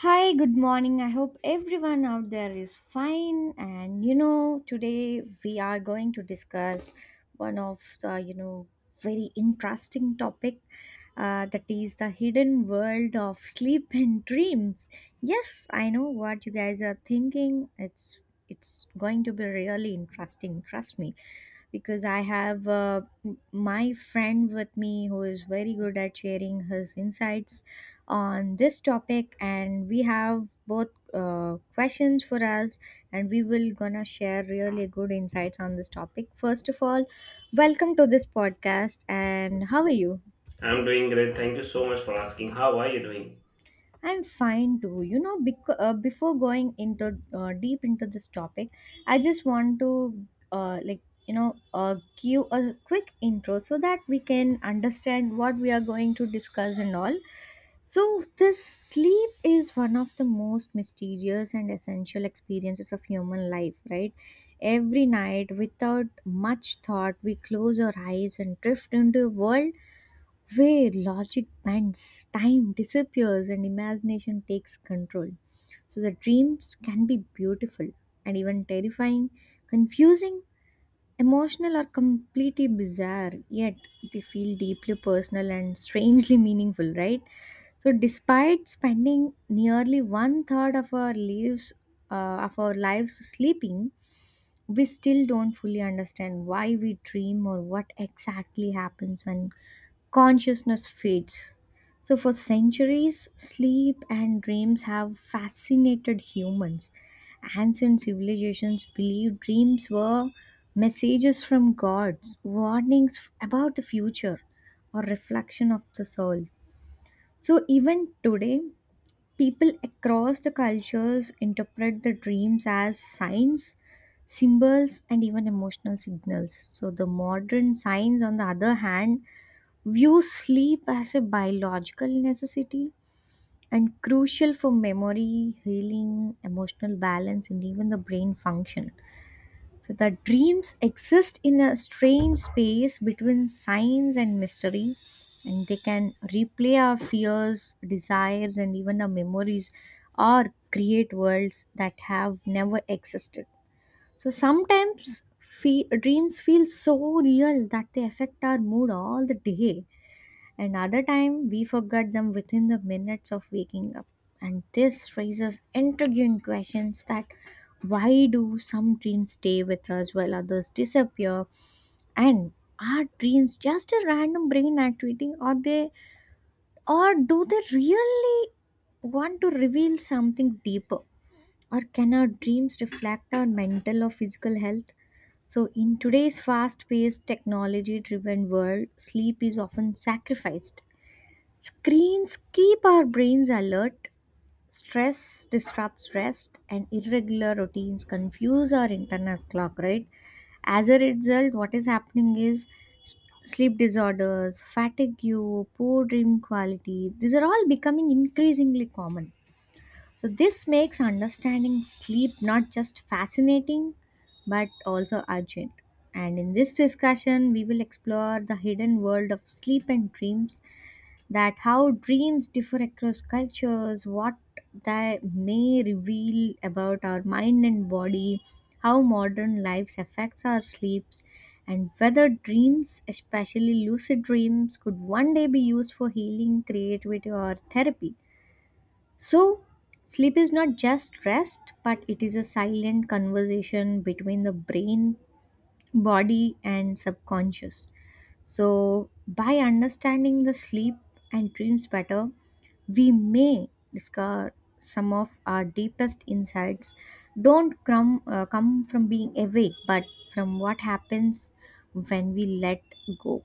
Hi, good morning. I hope everyone out there is fine. And you know, today we are going to discuss one of the very interesting topic, that is the hidden world of sleep and dreams. Yes, I know what you guys are thinking. It's going to be really interesting, trust me because I have my friend with me who is very good at sharing his insights on this topic and we have both questions for us and we will gonna share really good insights on this topic. First of all, welcome to this podcast and how are you? I'm doing great. Thank you so much for asking. How are you doing? I'm fine too, you know. Before going into deep into this topic, I just want to uh, like you know uh, give a quick intro so that we can understand what we are going to discuss and all. So, this sleep is one of the most mysterious and essential experiences of human life, right? Every night, without much thought, we close our eyes and drift into a world where logic bends, time disappears, and imagination takes control. So, the dreams can be beautiful and even terrifying, confusing, emotional are completely bizarre, yet they feel deeply personal and strangely meaningful, right? So, despite spending nearly one third of our lives, uh, of our lives sleeping, we still don't fully understand why we dream or what exactly happens when consciousness fades. So, for centuries, sleep and dreams have fascinated humans. Ancient civilizations believed dreams were messages from gods, about the future, or reflection of the soul. So, even today, people across the cultures interpret the dreams as signs, symbols, and even emotional signals. So, the modern science, on the other hand, views sleep as a biological necessity and crucial for memory, healing, emotional balance, and even the brain function. So the dreams exist in a strange space between science and mystery, and they can replay our fears, desires, and even our memories, or create worlds that have never existed. So sometimes dreams feel so real that they affect our mood all the day, and other time we forgot them within the minutes of waking up. And this raises intriguing questions that why do some dreams stay with us while others disappear? And are dreams just a random brain activity, or do they really want to reveal something deeper? Or can our dreams reflect our mental or physical health? So, in today's fast paced, technology driven world, sleep is often sacrificed. Screens keep our brains alert, stress disrupts rest, and irregular routines confuse our internal clock, right? As a result, what is happening is s- sleep disorders, fatigue, poor dream quality, these are all becoming increasingly common. So, this makes understanding sleep not just fascinating but also urgent. And in this discussion, we will explore the hidden world of sleep and dreams, that how dreams differ across cultures, what they may reveal about our mind and body, how modern lives affects our sleeps, and whether dreams, especially lucid dreams, could one day be used for healing, creativity, or therapy. So, sleep is not just rest, but it is a silent conversation between the brain, body, and subconscious. So, by understanding the sleep and dreams better, we may discover some of our deepest insights don't come, come from being awake but from what happens when we let go.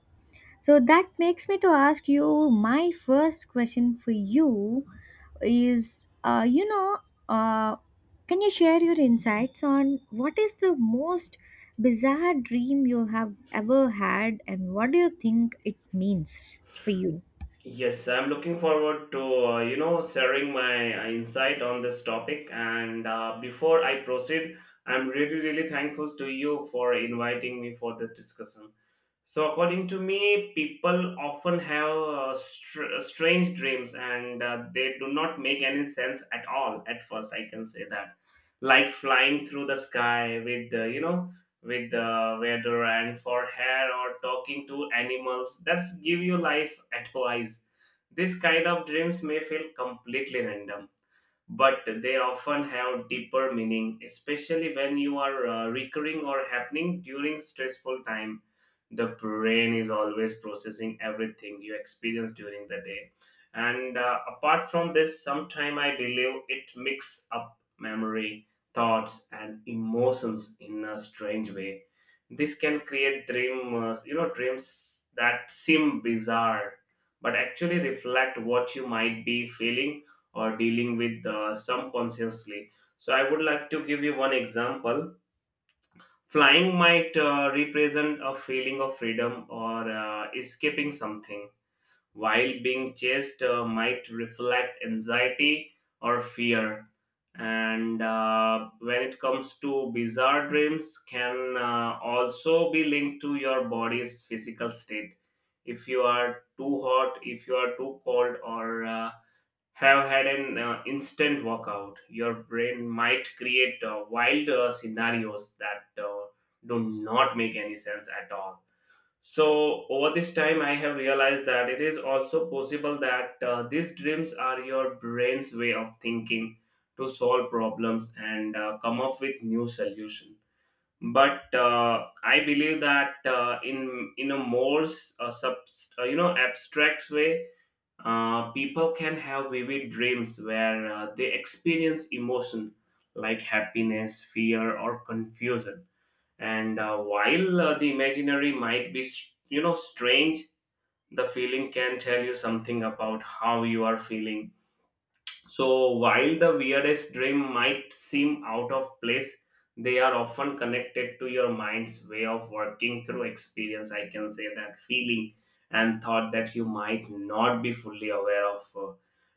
So that makes me to ask you my first question for you is, you know uh, can you share your insights on what is the most bizarre dream you have ever had and what do you think it means for you? Yes, I'm looking forward to sharing my insight on this topic. And Before I proceed, I'm really thankful to you for inviting me for this discussion. So, according to me, people often have strange dreams, and they do not make any sense at all at first, I can say that. Like flying through the sky with, with the weather and for hair, or talking to animals that's give you life advice. This kind of dreams may feel completely random, but they often have deeper meaning, especially when you are recurring or happening during stressful time. The brain is always processing everything you experience during the day. And Apart from this, sometime I believe it mix up memory, thoughts, and emotions in a strange way. This can create dreams that seem bizarre, but actually reflect what you might be feeling or dealing with some consciously. So I would like to give you one example. Flying might represent a feeling of freedom, or escaping something, while being chased might reflect anxiety or fear. And When it comes to bizarre dreams, can also be linked to your body's physical state. If you are too hot, if you are too cold, or have had an instant workout, your brain might create wild scenarios that do not make any sense at all. So, over this time, I have realized that it is also possible that these dreams are your brain's way of thinking to solve problems and come up with new solutions. But I believe that in a more sub, abstract way, people can have vivid dreams where they experience emotion like happiness, fear, or confusion. And While the imaginary might be, strange, the feeling can tell you something about how you are feeling. So, while the weirdest dream might seem out of place, they are often connected to your mind's way of working through experience, I can say that, feeling and thought that you might not be fully aware of.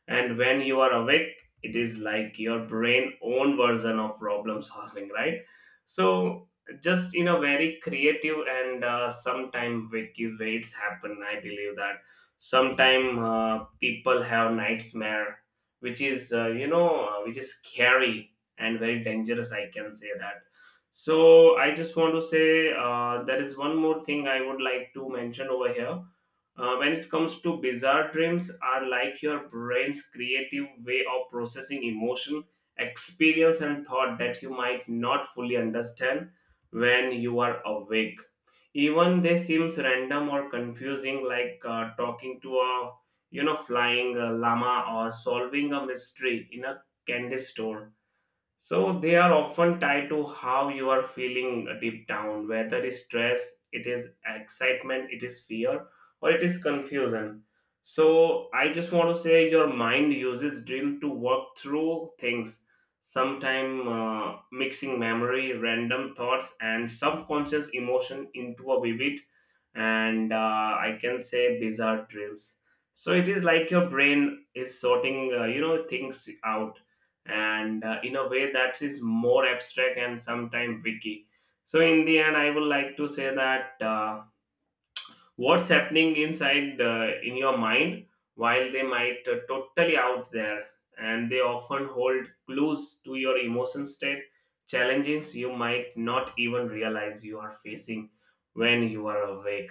And when you are awake, it is like your brain own version of problem solving, right? So, just in a very creative and sometime wake is where it's happen. I believe that sometime people have nightmare, which is which is scary and very dangerous, I can say that. So I just want to say, there is one more thing I would like to mention over here. When it comes to bizarre dreams, are like your brain's creative way of processing emotion, experience, and thought that you might not fully understand when you are awake. Even they seems random or confusing, like talking to a, you know, flying a llama or solving a mystery in a candy store. So they are often tied to how you are feeling deep down, whether it's stress, it is excitement, it is fear, or it is confusion. So I just want to say your mind uses dream to work through things, sometime mixing memory, random thoughts, and subconscious emotion into a vivid and I can say bizarre dreams. So it is like your brain is sorting, things out, and in a way that is more abstract and sometimes wiki. So in the end, I would like to say that. What's happening inside in your mind, while they might totally out there, and they often hold clues to your emotion state, challenges you might not even realize you are facing when you are awake.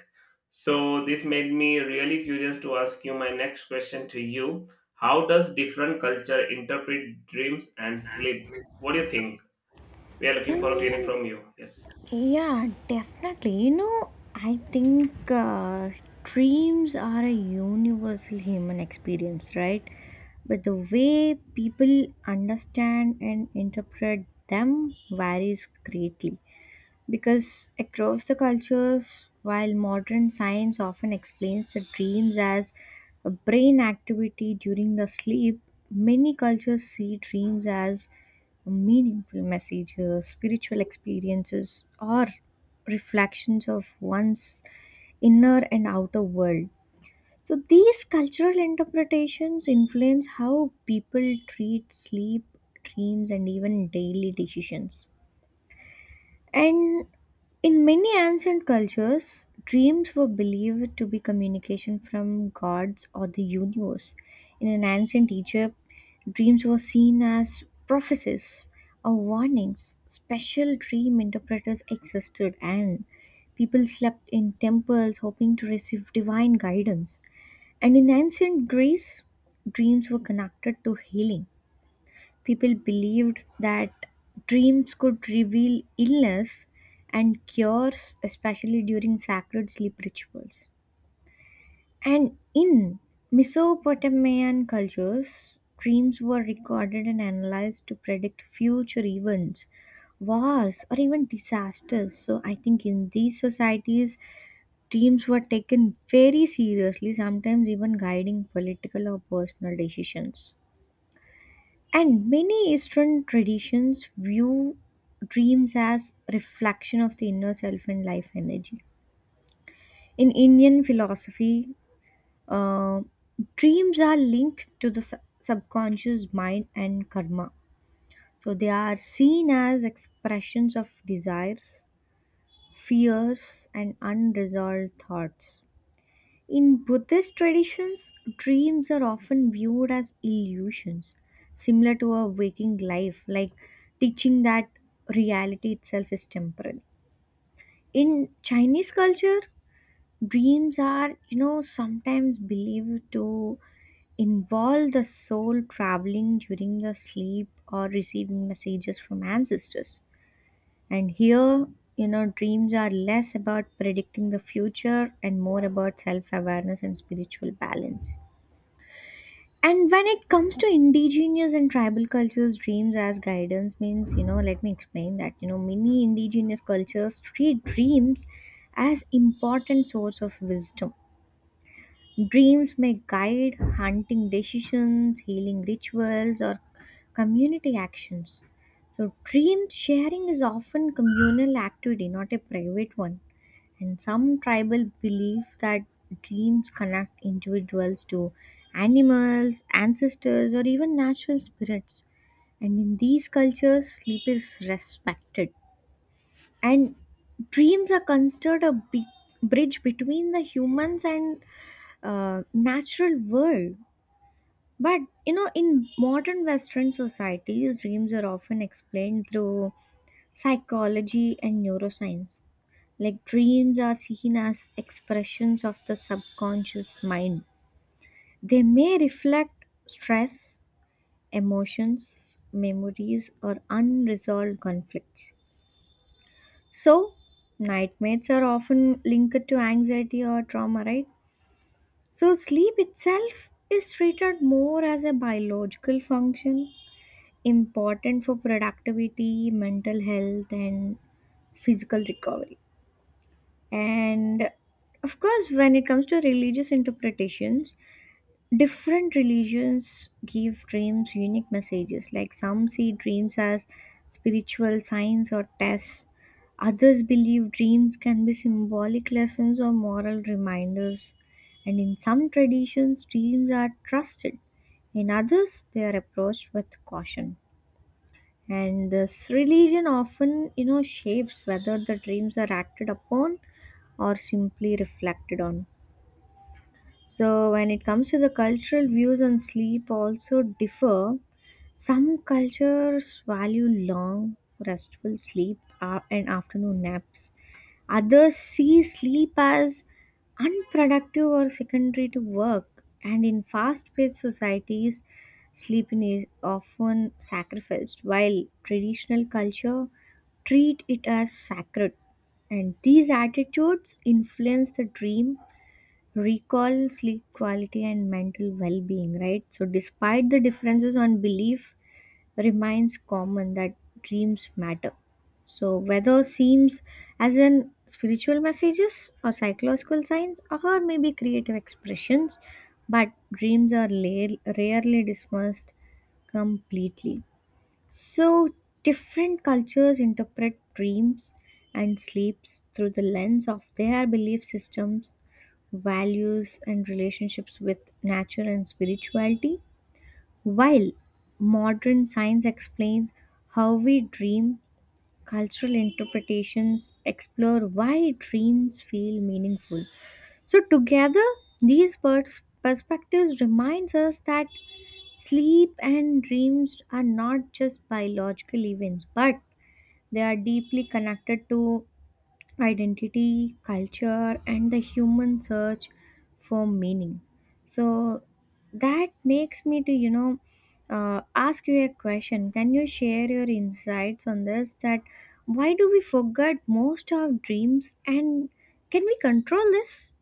So this made me really curious to ask you my next question to you. How does different culture interpret dreams and sleep? What do you think? We are looking forward to hearing from you. Yes. Yeah, definitely. You know, I think dreams are a universal human experience, right? But the way people understand and interpret them varies greatly. Because across the cultures, while modern science often explains the dreams as a brain activity during the sleep, many cultures see dreams as meaningful messages, spiritual experiences, or reflections of one's inner and outer world. So, these cultural interpretations influence how people treat sleep, dreams, and even daily decisions. And in many ancient cultures, dreams were believed to be communication from gods or the universe. In an ancient Egypt, dreams were seen as prophecies or warnings. Special dream interpreters existed, and people slept in temples hoping to receive divine guidance. And in ancient Greece, dreams were connected to healing. People believed that dreams could reveal illness and cures, especially during sacred sleep rituals. And in Mesopotamian cultures, dreams were recorded and analyzed to predict future events, wars, or even disasters. So, I think in these societies, dreams were taken very seriously, sometimes even guiding political or personal decisions. And many Eastern traditions view dreams as reflection of the inner self and life energy. In Indian philosophy, uh, dreams are linked to the subconscious mind and karma. So they are seen as expressions of desires, fears, and unresolved thoughts. In Buddhist traditions, dreams are often viewed as illusions, similar to a waking life, like teaching that reality itself is temporary. In Chinese culture, dreams are, you know, sometimes believed to involve the soul traveling during the sleep or receiving messages from ancestors. And here, you know, dreams are less about predicting the future and more about self awareness and spiritual balance. And when it comes to indigenous and tribal cultures, dreams as guidance means, you know, let me explain that, you know, many indigenous cultures treat dreams as important source of wisdom. Dreams may guide hunting decisions, healing rituals, or community actions. So dream sharing is often communal activity, not a private one, and some tribal believe that dreams connect individuals to animals, ancestors, or even natural spirits. And in these cultures, sleep is respected. And dreams are considered a big bridge between the humans and natural world. But you know, in modern Western societies, dreams are often explained through psychology and neuroscience. Like dreams are seen as expressions of the subconscious mind. They may reflect stress, emotions, memories, or unresolved conflicts. So, nightmares are often linked to anxiety or trauma, right? So, sleep itself is treated more as a biological function, important for productivity, mental health, and physical recovery. And of course, when it comes to religious interpretations, different religions give dreams unique messages. Like some see dreams as spiritual signs or tests, others believe dreams can be symbolic lessons or moral reminders. And in some traditions, dreams are trusted, in others, they are approached with caution. And this religion often, you know, shapes whether the dreams are acted upon or simply reflected on. So, when it comes to the cultural views on sleep, also differ. Some cultures value long, restful sleep and afternoon naps. Others see sleep as unproductive or secondary to work. And in fast paced societies, sleeping is often sacrificed, while traditional culture treat it as sacred. And these attitudes influence the dream, recall, sleep quality, and mental well being, right? So, despite the differences on belief, reminds common that dreams matter. So whether seems as in spiritual messages or psychological signs or maybe creative expressions, but dreams are rarely dismissed completely. So different cultures interpret dreams and sleeps through the lens of their belief systems, values and relationships with nature and spirituality, while modern science explains how we dream, cultural interpretations explore why dreams feel meaningful. So together, these perspectives reminds us that sleep and dreams are not just biological events, but they are deeply connected to identity, culture, and the human search for meaning. So that makes me to, you know, ask you a question. Can you share your insights on this? That why do we forget most of dreams and can we control this?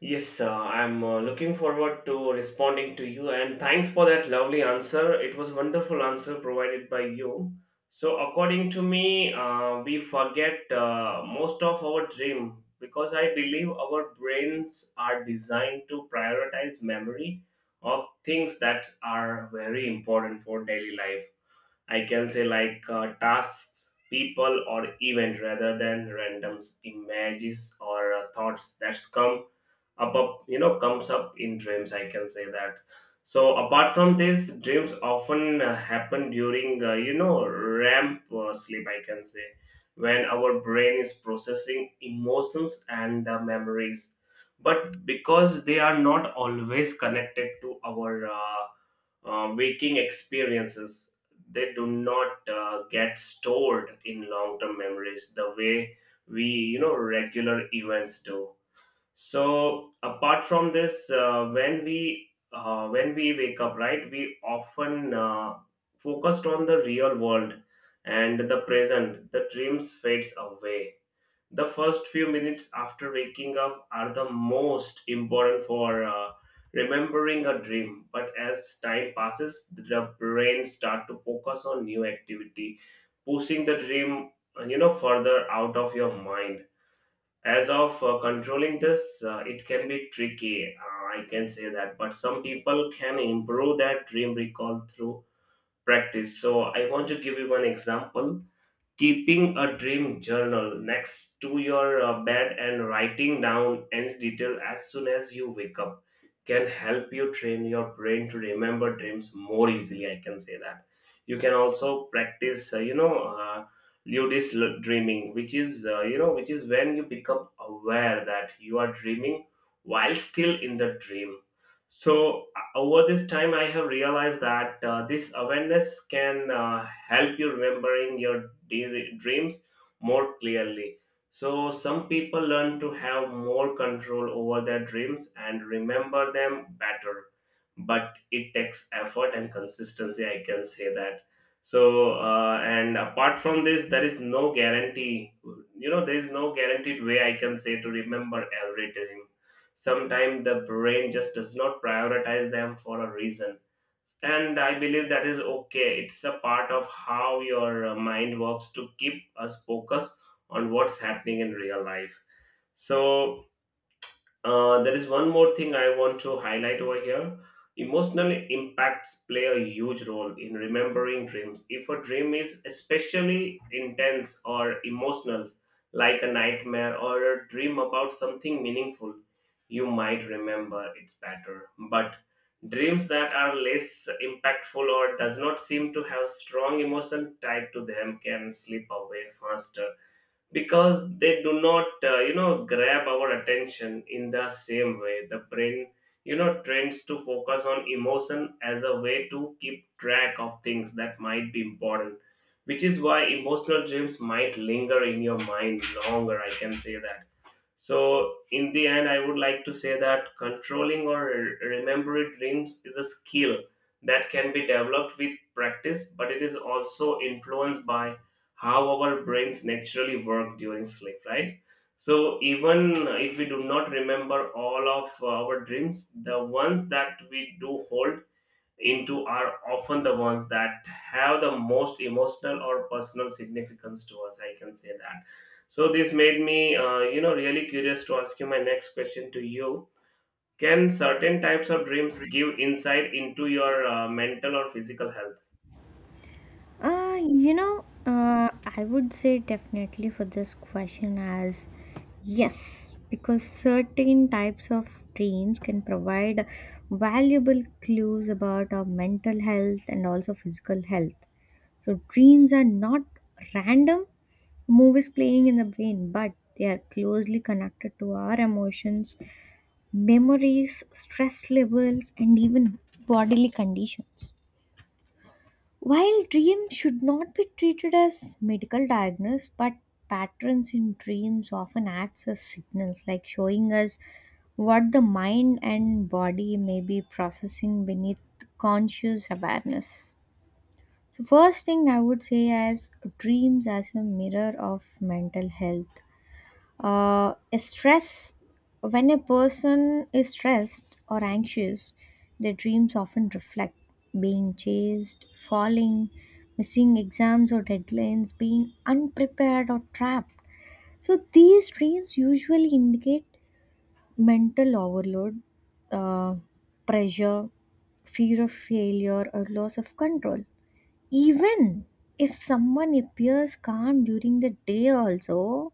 Yes, I'm looking forward to responding to you, and thanks for that lovely answer. It was wonderful answer provided by you. So according to me, we forget most of our dream because I believe our brains are designed to prioritize memory of things that are very important for daily life. I can say, like tasks, people, or event, rather than randoms, images, or thoughts that come up up you know comes up in dreams, I can say that. So apart from this, dreams often happen during ramp sleep, I can say, when our brain is processing emotions and memories. But because they are not always connected to our waking experiences, they do not get stored in long term memories the way we, you know, regular events do. So apart from this, when we wake up, right, we often focused on the real world and the present. The dreams fades away. The first few minutes after waking up are the most important for remembering a dream. But as time passes, the brain start to focus on new activity, pushing the dream further out of your mind. As of controlling this, it can be tricky, I can say that, but some people can improve that dream recall through practice. So I want to give you one example. Keeping a dream journal next to your bed and writing down any detail as soon as you wake up can help you train your brain to remember dreams more easily, I can say that. You can also practice, uh, ludic dreaming, which is, which is when you become aware that you are dreaming while still in the dream. So, over this time, I have realized that this awareness can help you remembering your dreams more clearly. So, some people learn to have more control over their dreams and remember them better, but it takes effort and consistency, I can say that. So, and apart from this, there is no guarantee, you know, there is no guaranteed way, I can say, to remember every dream. Sometimes the brain just does not prioritize them for a reason, and I believe that is okay. It's a part of how your mind works to keep us focused on what's happening in real life. So there is one more thing I want to highlight over here. Emotional impacts play a huge role in remembering dreams. If a dream is especially intense or emotional, like a nightmare or a dream about something meaningful, you might remember it better. But dreams that are less impactful or does not seem to have strong emotion tied to them can slip away faster, because they do not, grab our attention in the same way. The brain, you know, trends to focus on emotion as a way to keep track of things that might be important, which is why emotional dreams might linger in your mind longer, I can say that. So, in the end, I would like to say that controlling or remembering dreams is a skill that can be developed with practice, but it is also influenced by how our brains naturally work during sleep, right? So, even if we do not remember all of our dreams, the ones that we do hold into are often the ones that have the most emotional or personal significance to us, I can say that. So this made me, really curious to ask you my next question to you. Can certain types of dreams give insight into your mental or physical health? You know, I would say definitely for this question as yes, because certain types of dreams can provide valuable clues about our mental health and also physical health. So, dreams are not random movies playing in the brain, but they are closely connected to our emotions, memories, stress levels, and even bodily conditions. While dreams should not be treated as medical diagnosis, but patterns in dreams often acts as signals, like showing us what the mind and body may be processing beneath conscious awareness. So, first thing I would say is dreams as a mirror of mental health. Stress: when a person is stressed or anxious, their dreams often reflect being chased, falling, missing exams or deadlines, being unprepared or trapped. So these dreams usually indicate mental overload, uh, pressure, fear of failure, or loss of control. Even if someone appears calm during the day also,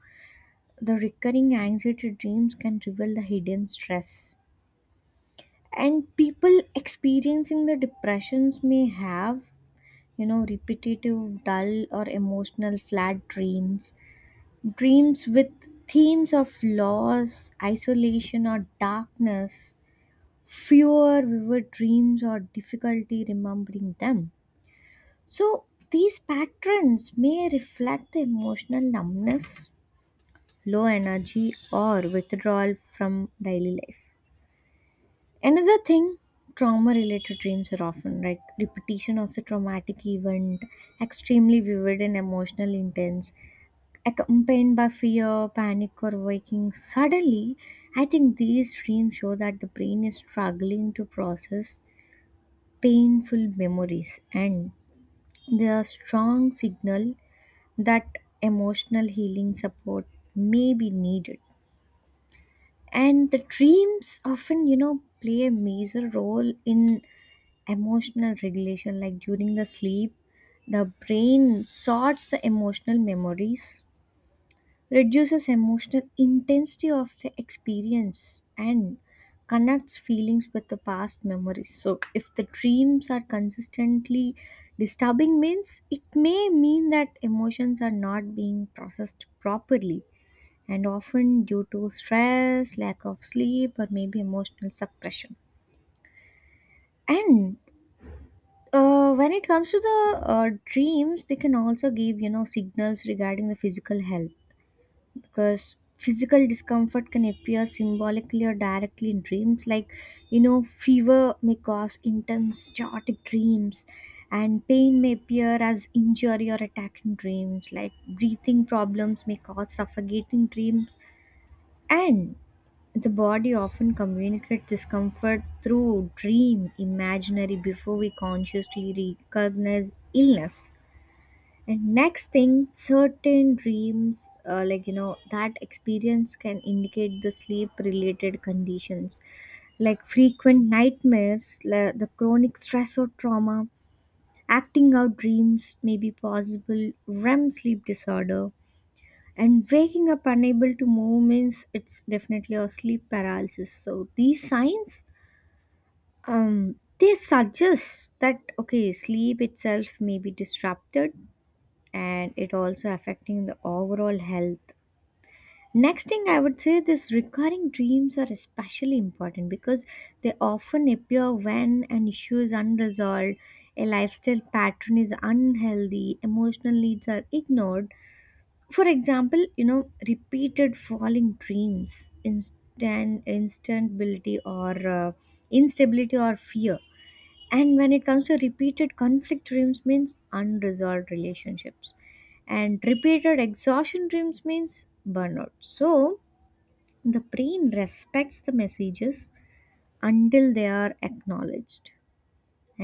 the recurring anxiety dreams can reveal the hidden stress. And people experiencing the depressions may have, repetitive, dull, or emotional flat dreams, dreams with themes of loss, isolation, or darkness, fewer vivid dreams, or difficulty remembering them. So these patterns may reflect the emotional numbness, low energy, or withdrawal from daily life. Another thing, trauma related dreams are often like repetition of the traumatic event, extremely vivid and emotionally intense, accompanied by fear, panic, or waking suddenly. I think these dreams show that the brain is struggling to process painful memories, and they are strong signal that emotional healing support may be needed. And the dreams often, play a major role in emotional regulation, like during the sleep the brain sorts the emotional memories, reduces emotional intensity of the experience, and connects feelings with the past memories. So if the dreams are consistently disturbing means, it may mean that emotions are not being processed properly, and often due to stress, lack of sleep, or maybe emotional suppression. And when it comes to the dreams, they can also give, signals regarding the physical health, because physical discomfort can appear symbolically or directly in dreams. Like, fever may cause intense, chaotic dreams, and pain may appear as injury or attack in dreams. Like breathing problems may cause suffocating dreams, and the body often communicates discomfort through dream imagery before we consciously recognize illness. And next thing, certain dreams, like that experience can indicate the sleep related conditions, like frequent nightmares, the chronic stress or trauma, acting out dreams may be possible REM sleep disorder, and waking up unable to move means it's definitely a sleep paralysis. So these signs, they suggest that okay, sleep itself may be disrupted, and it also affecting the overall health. Next thing I would say, this recurring dreams are especially important because they often appear when an issue is unresolved, a lifestyle pattern is unhealthy, emotional needs are ignored. For example, repeated falling dreams, instant instability, or uh, instability or fear. And when it comes to repeated conflict dreams means unresolved relationships, and repeated exhaustion dreams means burnout. So the brain respects the messages until they are acknowledged.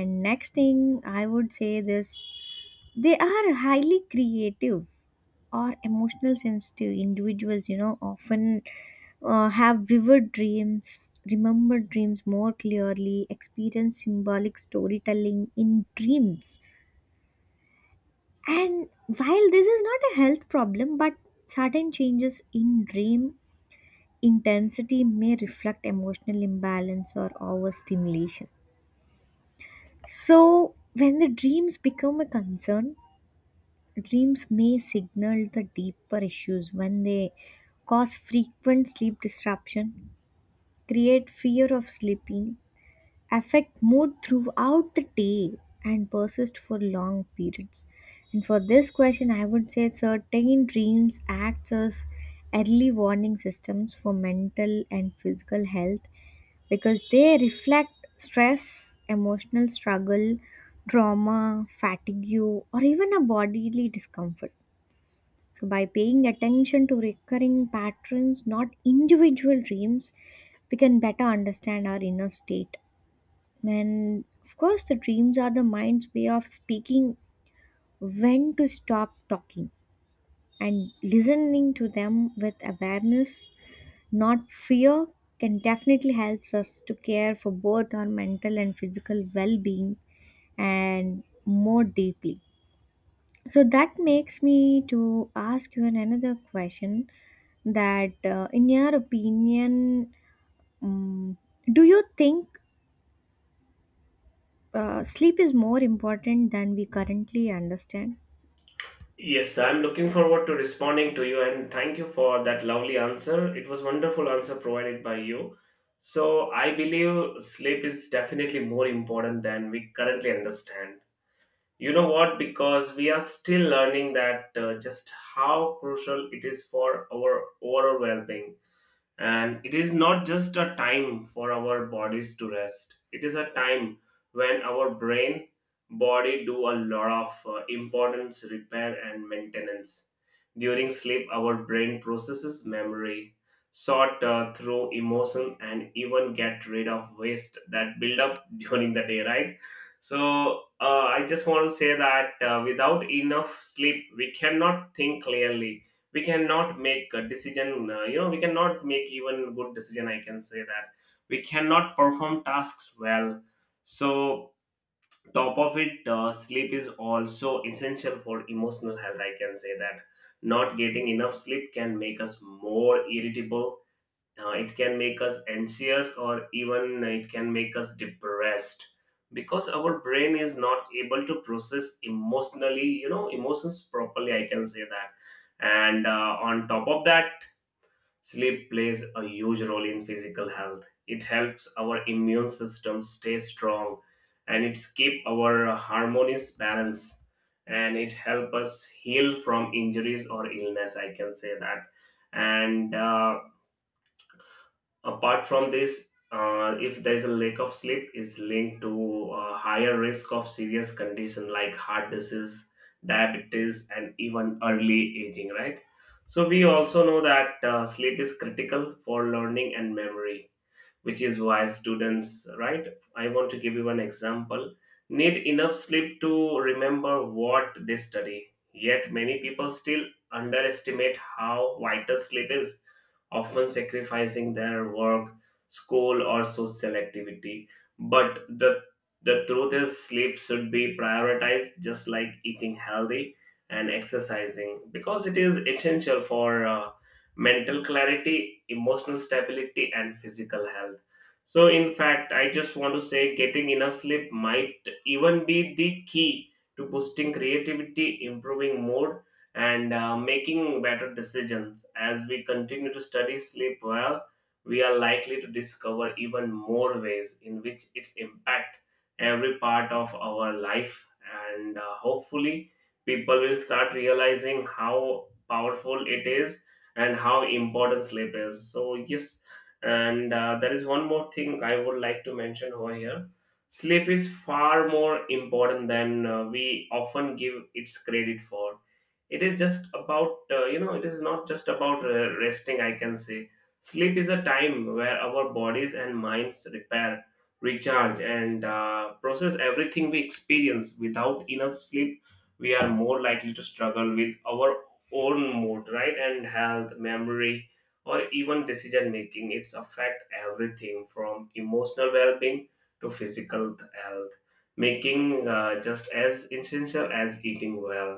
And next thing I would say, this, they are highly creative or emotional sensitive individuals, often have vivid dreams, remember dreams more clearly, experience symbolic storytelling in dreams. And while this is not a health problem, but sudden changes in dream intensity may reflect emotional imbalance or overstimulation. So when the dreams become a concern, dreams may signal the deeper issues when they cause frequent sleep disruption, create fear of sleeping, affect mood throughout the day, and persist for long periods. And for this question, I would say certain dreams act as early warning systems for mental and physical health, because they reflect stress, emotional struggle, trauma, fatigue, or even a bodily discomfort. So, by paying attention to recurring patterns, not individual dreams, we can better understand our inner state. And of course, the dreams are the mind's way of speaking when to stop talking, and listening to them with awareness, not fear, can definitely helps us to care for both our mental and physical well-being and more deeply. So that makes me to ask you another question, that in your opinion, um, do you think sleep is more important than we currently understand? Yes, I'm looking forward to responding to you, and thank you for that lovely answer. It was wonderful answer provided by you. So I believe sleep is definitely more important than we currently understand. You know what? Because we are still learning that just how crucial it is for our overall well being. And it is not just a time for our bodies to rest. It is a time when our brain, body, do a lot of importance repair and maintenance. During sleep, our brain processes memory, sort through emotion, and even get rid of waste that build up during the day, right? So I just want to say that, without enough sleep, we cannot think clearly, we cannot make a decision, we cannot make even good decision, I can say that. We cannot perform tasks well. So top of it, sleep is also essential for emotional health, I can say that. Not getting enough sleep can make us more irritable, it can make us anxious, or even it can make us depressed, because our brain is not able to process emotionally, you know, emotions properly, I can say that. And on top of that, sleep plays a huge role in physical health. It helps our immune system stay strong, and it keep our harmonious balance, and it help us heal from injuries or illness, I can say that. And Apart from this, if there is a lack of sleep, is linked to a higher risk of serious condition like heart disease, diabetes, and even early aging, right. So we also know that sleep is critical for learning and memory, which is why students, right, I want to give you an example, need enough sleep to remember what they study. Yet many people still underestimate how vital sleep is, often sacrificing their work, school, or social activity. But the truth is, sleep should be prioritized just like eating healthy and exercising, because it is essential for mental clarity, emotional stability, and physical health. So, in fact, I just want to say, getting enough sleep might even be the key to boosting creativity, improving mood, and making better decisions. As we continue to study sleep well, we are likely to discover even more ways in which its impact every part of our life, and hopefully people will start realizing how powerful it is and how important sleep is. So yes, and there is one more thing I would like to mention over here. Sleep is far more important than we often give its credit for. It is not just about resting, I can say. Sleep is a time where our bodies and minds repair, recharge, and process everything we experience. Without enough sleep, we are more likely to struggle with our own mood, right, and health, memory, or even decision making. It's affect everything from emotional well-being to physical health, making just as essential as eating well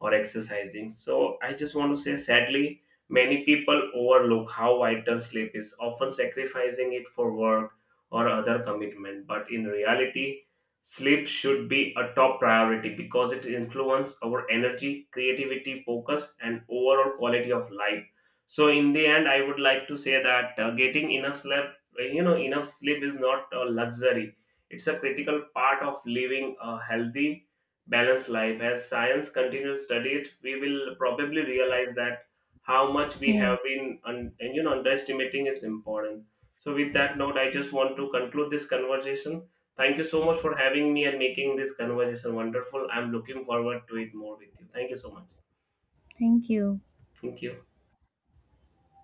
or exercising. So I just want to say, sadly, many people overlook how vital sleep is, often sacrificing it for work or other commitment. But in reality, sleep should be a top priority because it influences our energy, creativity, focus, and overall quality of life. So in the end, I would like to say that, getting enough sleep, enough sleep, is not a luxury. It's a critical part of living a healthy balanced life. As science continues to study it, we will probably realize that how much we Yeah. have been un- and, you know underestimating is important. So with that note, I just want to conclude this conversation. Thank you so much for having me and making this conversation wonderful. I'm looking forward to it more with you. Thank you so much. Thank you. Thank you.